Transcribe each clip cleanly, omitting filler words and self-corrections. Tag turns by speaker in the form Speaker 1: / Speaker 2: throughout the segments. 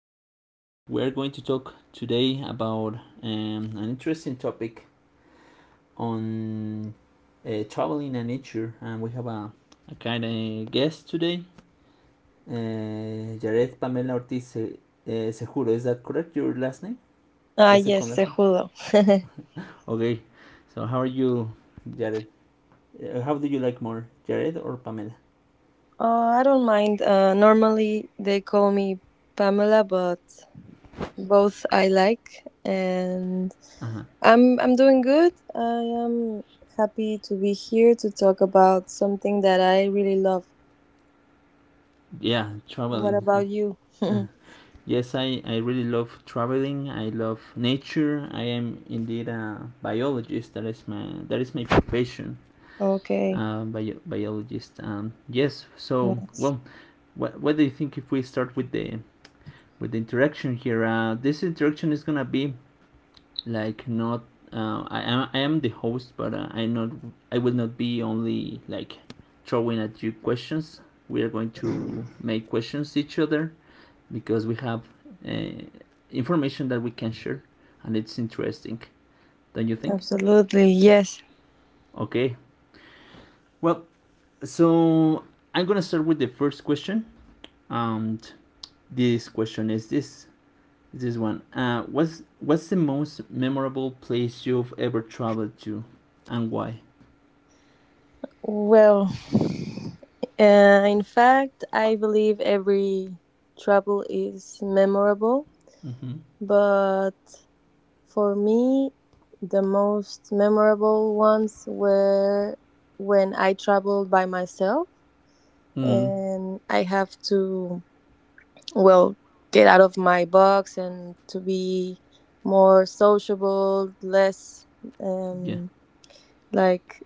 Speaker 1: We're going to talk today about an interesting topic on travel. Sure, and we have a kind of guest today. Jared Pamela Ortiz Seguro, is that correct? Your last name?
Speaker 2: Ah,
Speaker 1: The
Speaker 2: yes,
Speaker 1: second last name?
Speaker 2: Cejudo.
Speaker 1: Okay, so how are you, Jared? How do you like more, Jared or Pamela?
Speaker 2: I don't mind. Normally they call me Pamela, but both I like, and
Speaker 1: Uh-huh.
Speaker 2: I'm doing good. I am happy to be here to talk about something that I really love.
Speaker 1: Yeah,
Speaker 2: What
Speaker 1: traveling.
Speaker 2: about you?
Speaker 1: uh Yes, I really love traveling. I love nature. I am indeed a biologist. That is my profession.
Speaker 2: Okay,
Speaker 1: Biologist. Yes. So,
Speaker 2: nice.
Speaker 1: well, what do you think if we start with the interaction here? This interaction is gonna be like not. I am the host, but I will not be only like throwing at you questions. We are going to make questions each other because we have uh, information that we can share and it's interesting, don't you think?
Speaker 2: Absolutely, yes.
Speaker 1: Okay, well, so I'm gonna start with the first question, and this question is this one, what's the most memorable place you've ever traveled to and why?
Speaker 2: Well, in fact, I believe every trouble is memorable,
Speaker 1: Mm-hmm.
Speaker 2: but for me, the most memorable ones were when I traveled by myself
Speaker 1: Mm.
Speaker 2: and I have to, well, get out of my box and to be more sociable, less,
Speaker 1: Yeah.
Speaker 2: um, like,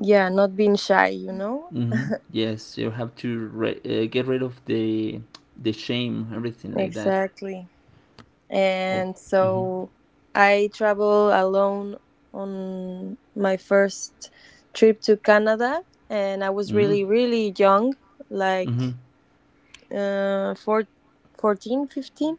Speaker 2: yeah, not being shy, you know?
Speaker 1: Mm-hmm. Yes, you have to get rid of the shame, everything like that.
Speaker 2: Exactly.
Speaker 1: Oh.
Speaker 2: And
Speaker 1: Mm-hmm.
Speaker 2: so I traveled alone on my first trip to Canada, and I was
Speaker 1: Mm-hmm.
Speaker 2: really, really young,
Speaker 1: Mm-hmm.
Speaker 2: like uh, four, 14, 15.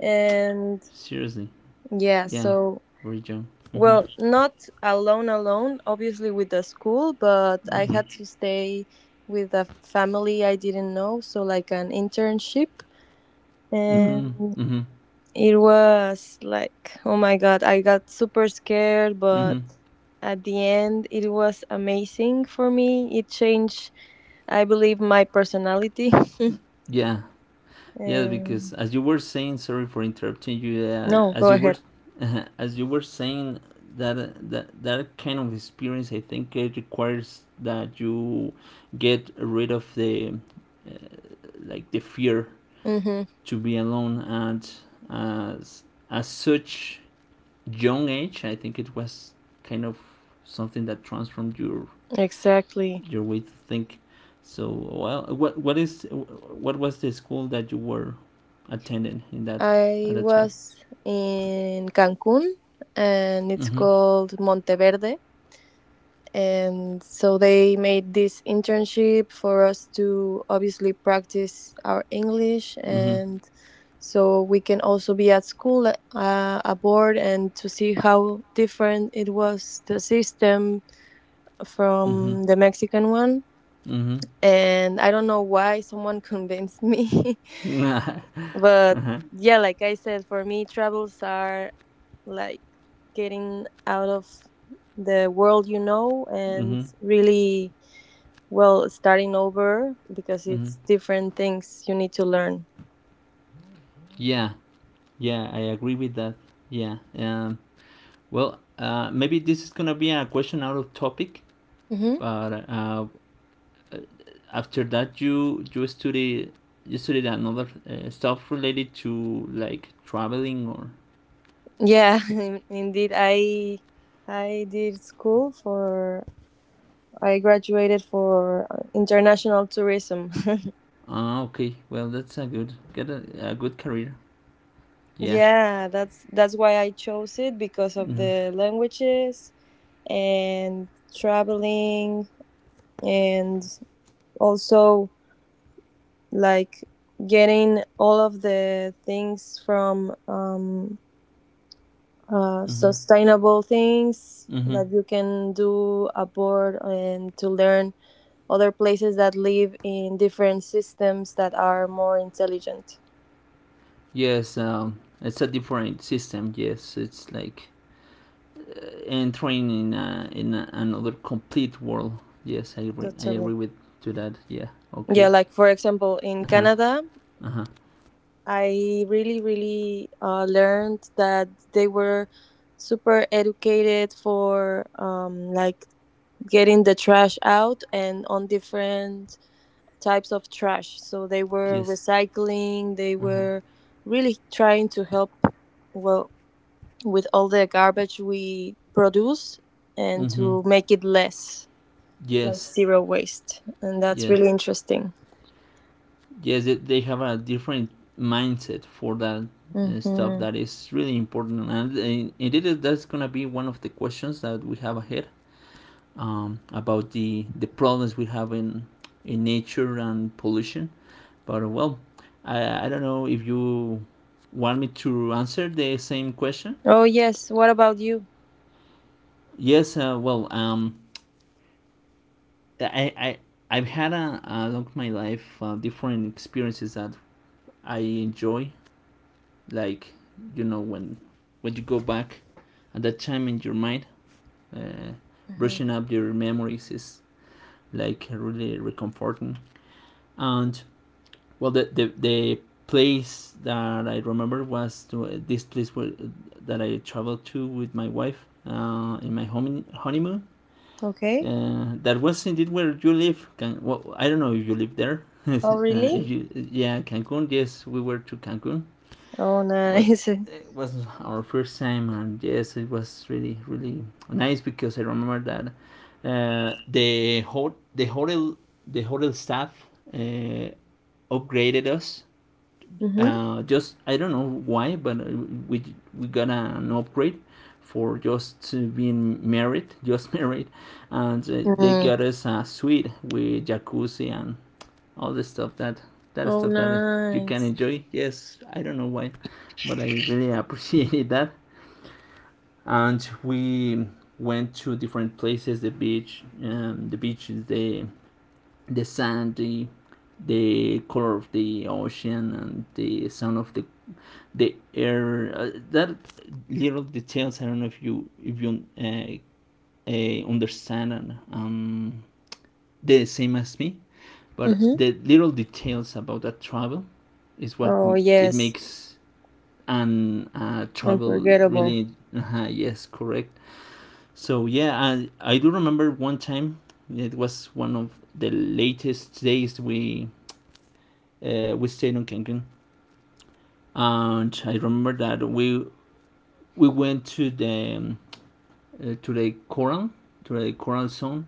Speaker 2: And
Speaker 1: Seriously?
Speaker 2: yeah,
Speaker 1: Yeah,
Speaker 2: so,
Speaker 1: region. Mm-hmm.
Speaker 2: well, not alone, alone, obviously with the school, but I
Speaker 1: Mm-hmm.
Speaker 2: had to stay with a family I didn't know, so like an internship.
Speaker 1: Mm-hmm.
Speaker 2: And
Speaker 1: Mm-hmm.
Speaker 2: it was like, oh my God, I got super scared,
Speaker 1: Mm-hmm.
Speaker 2: but at the end, it was amazing for me. It changed, I believe, my personality.
Speaker 1: Yeah. Yeah, because
Speaker 2: Um,
Speaker 1: as you were saying, sorry for interrupting you.
Speaker 2: no, go
Speaker 1: As you were,
Speaker 2: ahead.
Speaker 1: as you were saying that that kind of experience, I think it requires that you get rid of the uh, like the fear
Speaker 2: Mm-hmm.
Speaker 1: to be alone and as as such young age. I think it was kind of something that transformed
Speaker 2: Exactly.
Speaker 1: your way to think. So, well, what was the school that you were attending in that at
Speaker 2: I
Speaker 1: that time?
Speaker 2: was in Cancun and it's
Speaker 1: Mm-hmm.
Speaker 2: called Monteverde. And so they made this internship for us to obviously practice our English
Speaker 1: Mm-hmm.
Speaker 2: and so we can also be at school aboard and to see how different it was the system
Speaker 1: Mm-hmm.
Speaker 2: from the Mexican one. And I don't know why someone convinced me,
Speaker 1: Mm-hmm.
Speaker 2: but
Speaker 1: Uh-huh.
Speaker 2: yeah, like I said, for me travels are like getting out of the world, you know, and
Speaker 1: Mm-hmm.
Speaker 2: really, well, starting over because
Speaker 1: Mm-hmm.
Speaker 2: it's different things you need to learn.
Speaker 1: Yeah. Yeah, I agree with that. Yeah. Well, maybe this is gonna be a question out of topic,
Speaker 2: Hmm.
Speaker 1: but after that, you studied another stuff related to like traveling or...
Speaker 2: Yeah, indeed. I did school for, I graduated for international tourism.
Speaker 1: Ah, okay. Well, that's a good, a good career. Yeah.
Speaker 2: Yeah, that's why I chose it because of
Speaker 1: Mm-hmm.
Speaker 2: the languages and traveling and also like getting all of the things from
Speaker 1: Mm-hmm.
Speaker 2: sustainable things
Speaker 1: Mm-hmm.
Speaker 2: that you can do aboard and to learn other places that live in different systems that are more intelligent.
Speaker 1: Yes. It's a different system. Yes, it's like uh, entering in another complete world. Yes, I agree. I
Speaker 2: Totally.
Speaker 1: agree with to that. Yeah.
Speaker 2: Yeah,
Speaker 1: Okay.
Speaker 2: like for example, in
Speaker 1: Uh huh.
Speaker 2: Canada,
Speaker 1: Uh huh.
Speaker 2: I really, really learned that they were super educated for like getting the trash out and on different types of trash. So they were
Speaker 1: Yes.
Speaker 2: recycling, they
Speaker 1: Uh huh.
Speaker 2: were really trying to help, well, with all the garbage we produce and
Speaker 1: Mm-hmm.
Speaker 2: to make it less, like
Speaker 1: Yes.
Speaker 2: zero waste. And that's
Speaker 1: Yes.
Speaker 2: really interesting.
Speaker 1: Yes, they have a different mindset for that stuff
Speaker 2: Hmm.
Speaker 1: that is really important, and indeed that's gonna be one of the questions that we have ahead, about the problems we have in nature and pollution. But well, I don't know if you want me to answer the same question.
Speaker 2: Oh, yes. What about you?
Speaker 1: Yes, well, I, I I've had a, along my life different experiences that I enjoy, like, you know, when you go back at that time in your mind, uh,
Speaker 2: Hmm.
Speaker 1: brushing up your memories is like really reconforting. And well, the place that I remember was to, this place where, that I traveled to with my wife in my honeymoon.
Speaker 2: Okay.
Speaker 1: That was indeed where you live. Can, well, I don't know if you live there. Uh,
Speaker 2: Oh,
Speaker 1: if
Speaker 2: really?
Speaker 1: you... yeah, Cancun, yes, we were to Cancun.
Speaker 2: Oh,
Speaker 1: Well,
Speaker 2: nice.
Speaker 1: it was our first time, and yes, it was really, really nice because I remember that the hotel, the hotel staff uh, upgraded us.
Speaker 2: Hmm.
Speaker 1: Just I don't know why, but we we got an upgrade for just being married, just married, and they got us a suite with jacuzzi and all the stuff that that
Speaker 2: Oh,
Speaker 1: stuff that you can
Speaker 2: nice.
Speaker 1: enjoy. Yes, I don't know why, but I really appreciated that. And we went to different places, the beach, the beaches, the sand, the color of the ocean, and the sound of the air. That little details, I don't know if you, if you understand, and the same as me, but
Speaker 2: Hmm.
Speaker 1: the little details about that travel is what
Speaker 2: Oh,
Speaker 1: it
Speaker 2: yes.
Speaker 1: makes, and travel
Speaker 2: Unforgettable.
Speaker 1: really... Yes, correct. So yeah, I do remember one time, it was one of the latest days we stayed on Cancun, and I remember that we went to the coral, to the coral zone,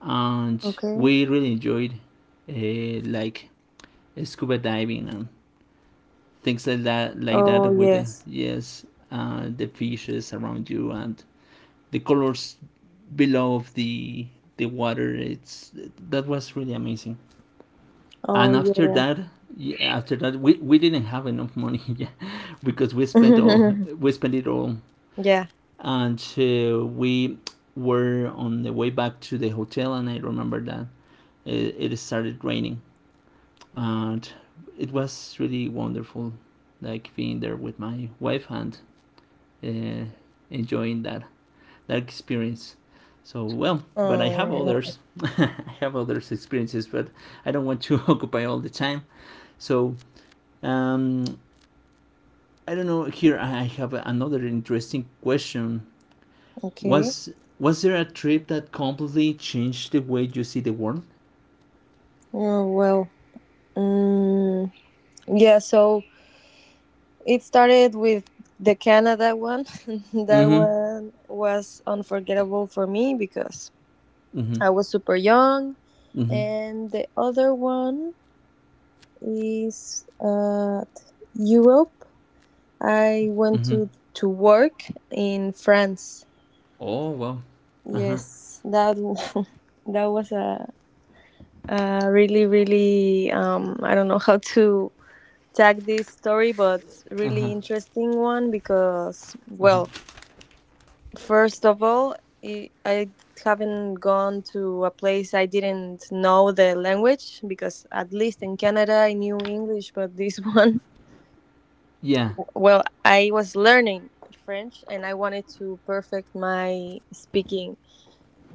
Speaker 1: and
Speaker 2: Okay.
Speaker 1: we really enjoyed like scuba diving and things like that,
Speaker 2: Oh,
Speaker 1: with the,
Speaker 2: yes.
Speaker 1: yes, the fishes around you and the colors below of the water. It's that was really amazing.
Speaker 2: Oh,
Speaker 1: And after
Speaker 2: yeah.
Speaker 1: that, yeah, after that, we didn't have enough money because we spent all, we spent it all,
Speaker 2: Yeah.
Speaker 1: and we were on the way back to the hotel, and I remember that it started raining, and it was really wonderful, like being there with my wife and uh, enjoying that, that experience. So well, but I
Speaker 2: Oh,
Speaker 1: have
Speaker 2: no.
Speaker 1: others. I have others experiences, but I don't want to occupy all the time. So um, I don't know. Here I have another interesting question.
Speaker 2: Okay.
Speaker 1: Was was there a trip that completely changed the way you see the world?
Speaker 2: Oh, well. Mm, yeah. So it started with the Canada one. That
Speaker 1: Mm-hmm.
Speaker 2: one was unforgettable for me because
Speaker 1: Mm-hmm.
Speaker 2: I was super young,
Speaker 1: Mm-hmm.
Speaker 2: and the other one is Europe. I went
Speaker 1: Mm-hmm.
Speaker 2: to work in France.
Speaker 1: Oh well. Uh-huh.
Speaker 2: Yes, that that was a really, really, I don't know how to tag this story, but really interesting one because, well, first of all, I haven't gone to a place I didn't know the language because, at least in Canada, I knew English, but this one,
Speaker 1: Yeah.
Speaker 2: well, I was learning French and I wanted to perfect my speaking.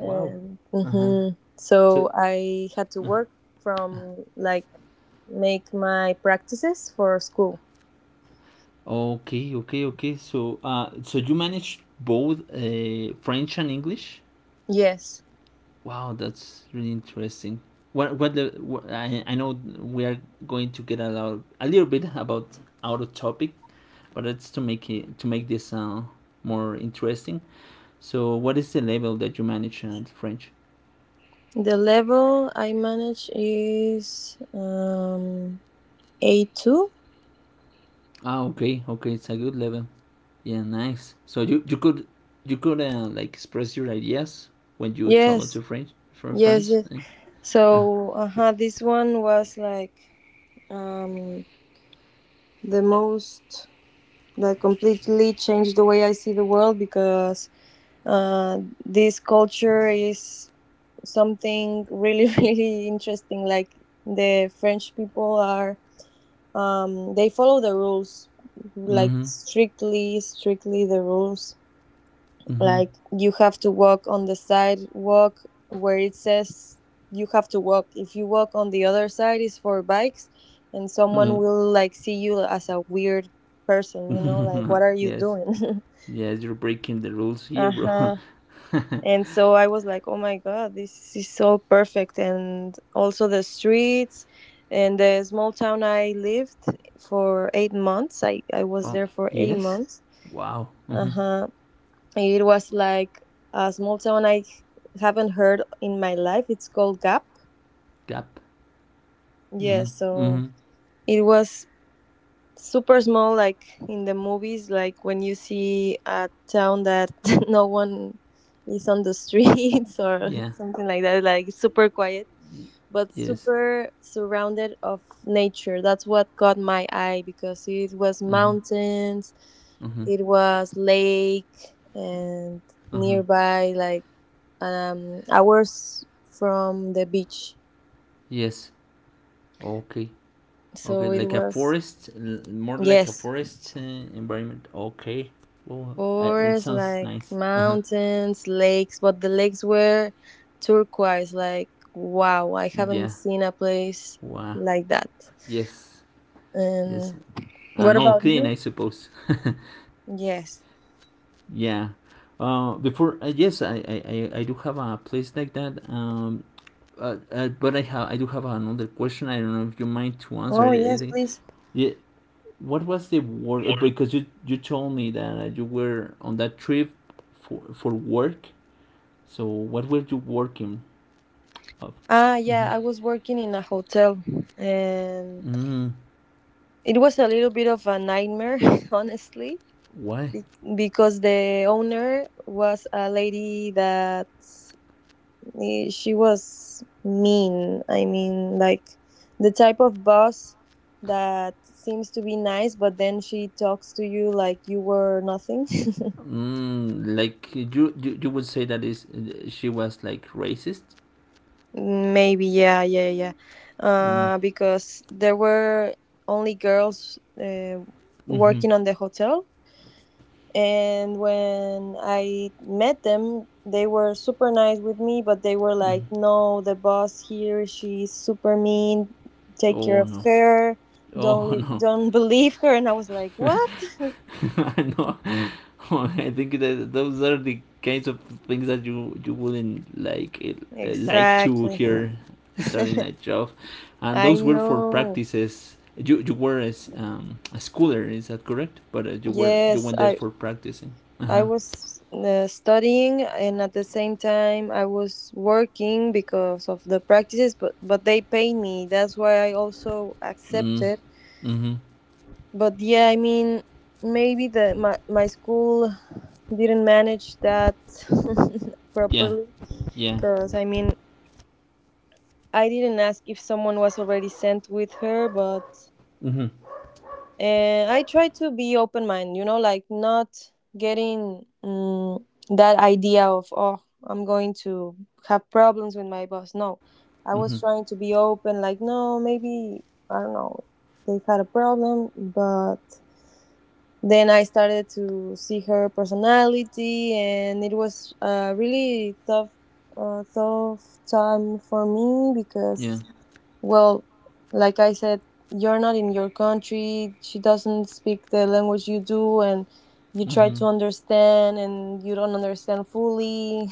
Speaker 1: Wow. Uh-huh.
Speaker 2: hmm,
Speaker 1: So...
Speaker 2: so I had to work from like make my practices for school.
Speaker 1: okay, okay, okay. So so you managed both French and English?
Speaker 2: Yes,
Speaker 1: Wow, that's really interesting. I know we are going to get a lot a little bit about out of topic, but that's to make it to make this more interesting. So, what is the level that you manage at French?
Speaker 2: the level I manage is A two.
Speaker 1: Ah, okay, okay, it's a good level. Yeah, nice. So you could like express your ideas when you travel
Speaker 2: Yes,
Speaker 1: to French for
Speaker 2: yes,
Speaker 1: France.
Speaker 2: yes.
Speaker 1: Eh? Ah,
Speaker 2: So uh, this one was like um, the most that completely changed the way I see the world because uh, this culture is something really really interesting. Like the French people are, um, they follow the rules, like
Speaker 1: mm-hmm,
Speaker 2: strictly strictly the rules,
Speaker 1: mm-hmm,
Speaker 2: like you have to walk on the sidewalk where it says you have to walk. If you walk on the other side is for bikes, and someone
Speaker 1: mm-hmm.
Speaker 2: will like see you as a weird person, you know, like what are you
Speaker 1: Yes,
Speaker 2: doing?
Speaker 1: yes, you're breaking the rules here, bro.
Speaker 2: Uh-huh. And so I was like, oh my God, this is so perfect. And also the streets and the small town I lived for 8 months. I was
Speaker 1: Oh,
Speaker 2: there for eight
Speaker 1: yes?
Speaker 2: months.
Speaker 1: Wow.
Speaker 2: Uh
Speaker 1: Mm-hmm.
Speaker 2: huh. It was like a small town I haven't heard in my life. It's called Gap.
Speaker 1: Gap.
Speaker 2: Yeah,
Speaker 1: Mm-hmm.
Speaker 2: so
Speaker 1: Mm-hmm.
Speaker 2: it was super small, like in the movies, like when you see a town that no one is on the streets or
Speaker 1: Yeah.
Speaker 2: something like that, like super quiet,
Speaker 1: Y-
Speaker 2: but
Speaker 1: yes.
Speaker 2: super surrounded of nature. That's what caught my eye because it was
Speaker 1: Mm-hmm.
Speaker 2: mountains,
Speaker 1: Mm-hmm.
Speaker 2: it was lake and
Speaker 1: Mm-hmm.
Speaker 2: nearby like hours from the beach.
Speaker 1: Yes. Okay. Okay.
Speaker 2: So it
Speaker 1: Like a
Speaker 2: was,
Speaker 1: forest, more like a
Speaker 2: yes,
Speaker 1: forest environment. Okay. Well, it
Speaker 2: forests,
Speaker 1: sounds
Speaker 2: like
Speaker 1: nice. Uh-huh.
Speaker 2: mountains, lakes, but the lakes were turquoise. Like, wow, I haven't
Speaker 1: Yeah.
Speaker 2: seen a place
Speaker 1: Wow.
Speaker 2: like that.
Speaker 1: Yes. Yes.
Speaker 2: And what
Speaker 1: And all
Speaker 2: about
Speaker 1: clean, I
Speaker 2: you?
Speaker 1: suppose.
Speaker 2: Yes.
Speaker 1: Yeah. Before, yes, I do have a place like that. Uh, but I do have another question. I don't know if you mind to answer
Speaker 2: Oh, yes,
Speaker 1: it.
Speaker 2: please.
Speaker 1: Yeah, what was the word? Because you told me that you were on that trip for work. So what were you working of?
Speaker 2: Ah,
Speaker 1: Mm-hmm.
Speaker 2: yeah, I was working in a hotel and
Speaker 1: Mm,
Speaker 2: it was a little bit of a nightmare, honestly,
Speaker 1: why?
Speaker 2: be- because the owner was a lady that, eh, she was mean. I mean, like the type of boss that seems to be nice, but then she talks to you like you were nothing.
Speaker 1: Mm, like you would say that is she was like racist?
Speaker 2: Maybe, yeah, yeah, yeah.
Speaker 1: Mm.
Speaker 2: Because there were only girls
Speaker 1: Mm-hmm.
Speaker 2: working on the hotel. And when I met them, they were super nice with me, but they were like,
Speaker 1: Mm.
Speaker 2: no, the boss here, she's super mean. Take care
Speaker 1: Oh
Speaker 2: of
Speaker 1: no.
Speaker 2: her. Don't
Speaker 1: Oh
Speaker 2: li-
Speaker 1: no.
Speaker 2: don't believe her. And I was like, what?
Speaker 1: No. I think that those are the kinds of things that you wouldn't like to
Speaker 2: Exactly.
Speaker 1: hear starting a job, and
Speaker 2: I
Speaker 1: those were for
Speaker 2: know.
Speaker 1: practices. You were as a schooler, is that correct? But you were you
Speaker 2: Yes,
Speaker 1: went there for practicing. Uh
Speaker 2: I
Speaker 1: huh.
Speaker 2: was studying and at the same time I was working because of the practices, but they paid me. That's why I also
Speaker 1: Mm
Speaker 2: accepted.
Speaker 1: hmm.
Speaker 2: But yeah, I mean, maybe the my school didn't manage that
Speaker 1: Yeah.
Speaker 2: properly,
Speaker 1: Yeah.
Speaker 2: because I mean, I didn't ask if someone was already sent with her. But
Speaker 1: Mm hmm.
Speaker 2: I tried to be open minded, you know, like not getting that idea of, oh, I'm going to have problems with my boss. No, I
Speaker 1: Mm hmm.
Speaker 2: was trying to be open, like, no, maybe I don't know, they had a problem. But then I started to see her personality, and it was a really tough, tough time for me
Speaker 1: Yeah.
Speaker 2: because, well, like I said, you're not in your country. She doesn't speak the language you do, and you
Speaker 1: Mm
Speaker 2: try
Speaker 1: hmm.
Speaker 2: to understand, and you don't understand fully.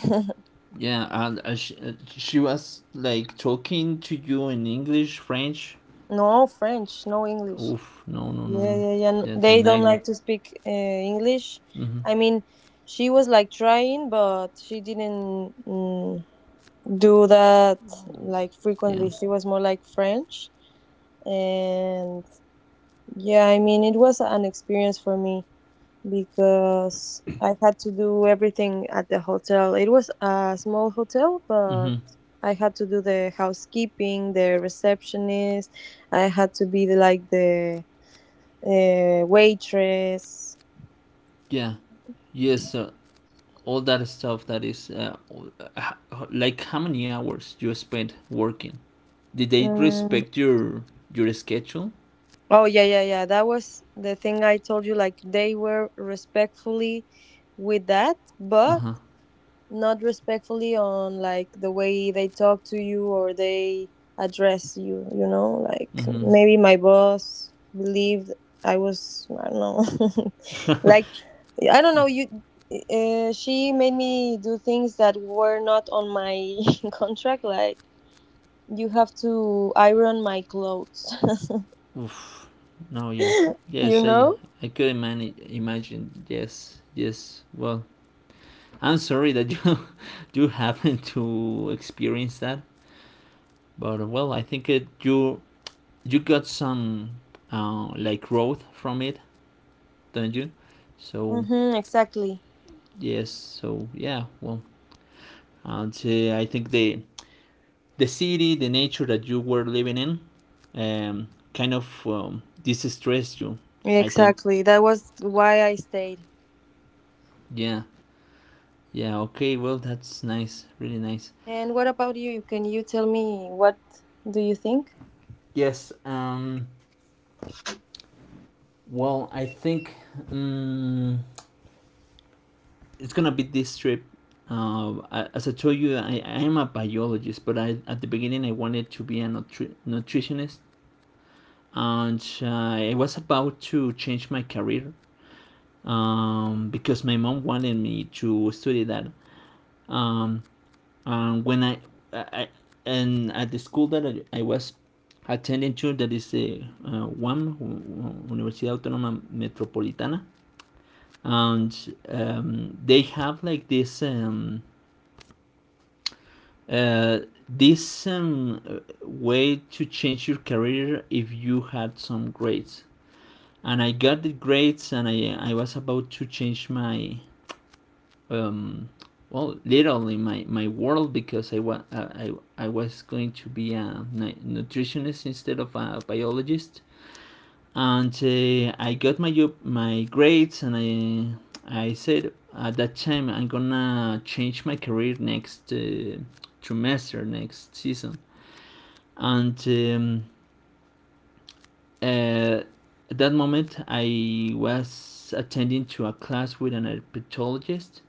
Speaker 1: Yeah. And she was like talking to you in English, French.
Speaker 2: No French, no English.
Speaker 1: Oof. No. No. No.
Speaker 2: Yeah,
Speaker 1: No.
Speaker 2: yeah, yeah.
Speaker 1: That's a
Speaker 2: They don't
Speaker 1: nightmare.
Speaker 2: like to speak English.
Speaker 1: Mm hmm.
Speaker 2: I mean, she was like trying, but she didn't, mm, do that like
Speaker 1: Yeah.
Speaker 2: frequently. She was more like French. And yeah, I mean, it was an experience for me because I had to do everything at the hotel. It was a small hotel, but
Speaker 1: Mm-hmm.
Speaker 2: I had to do the housekeeping, the receptionist. I had to be the, like the waitress.
Speaker 1: Yeah. Yes. All that stuff that is like how many hours you spent working. Did they
Speaker 2: Mm.
Speaker 1: respect your schedule?
Speaker 2: Oh yeah, yeah, yeah. That was the thing I told you. Like they were respectfully with that,
Speaker 1: Uh
Speaker 2: but
Speaker 1: huh.
Speaker 2: not respectfully on like the way they talk to you or they address you, you know, like
Speaker 1: Mm-hmm.
Speaker 2: maybe my boss believed I was, I don't know, like I don't know you. Uh, she made me do things that were not on my contract, like you have to iron my clothes.
Speaker 1: Oof. No. Yeah. Yes.
Speaker 2: You know?
Speaker 1: I couldn't imagine. Yes. Yes. Well, I'm sorry that you you happen to experience that. But well, I think it, you got some like growth from it, don't you? So...
Speaker 2: Mm-hmm, exactly.
Speaker 1: yes, so yeah, well, and would... I think the city, the nature that you were living in, kind of distressed you. I think.
Speaker 2: Exactly, that was why I stayed.
Speaker 1: Yeah. Yeah. Okay. Well, that's nice. Really nice.
Speaker 2: And what about you? Can you tell me what do you think?
Speaker 1: Yes. Well, I think um, it's gonna be this trip. As I told you, I am a biologist, but I at the beginning I wanted to be a nutritionist, and I was about to change my career because my mom wanted me to study that. Um, and when I and at the school that I was attending to, that is a UAM, Universidad Autónoma Metropolitana, and they have like this uh, this um, way to change your career if you had some grades. And I got the grades, and I was
Speaker 2: Okay.
Speaker 1: about to change my um, well, literally my, my world because I was going to be a nutritionist instead of a biologist. And I got my my grades, and I said at that time I'm gonna change my career next trimester, next season. And uh, at that moment, I was attending to a class with an herpetologist,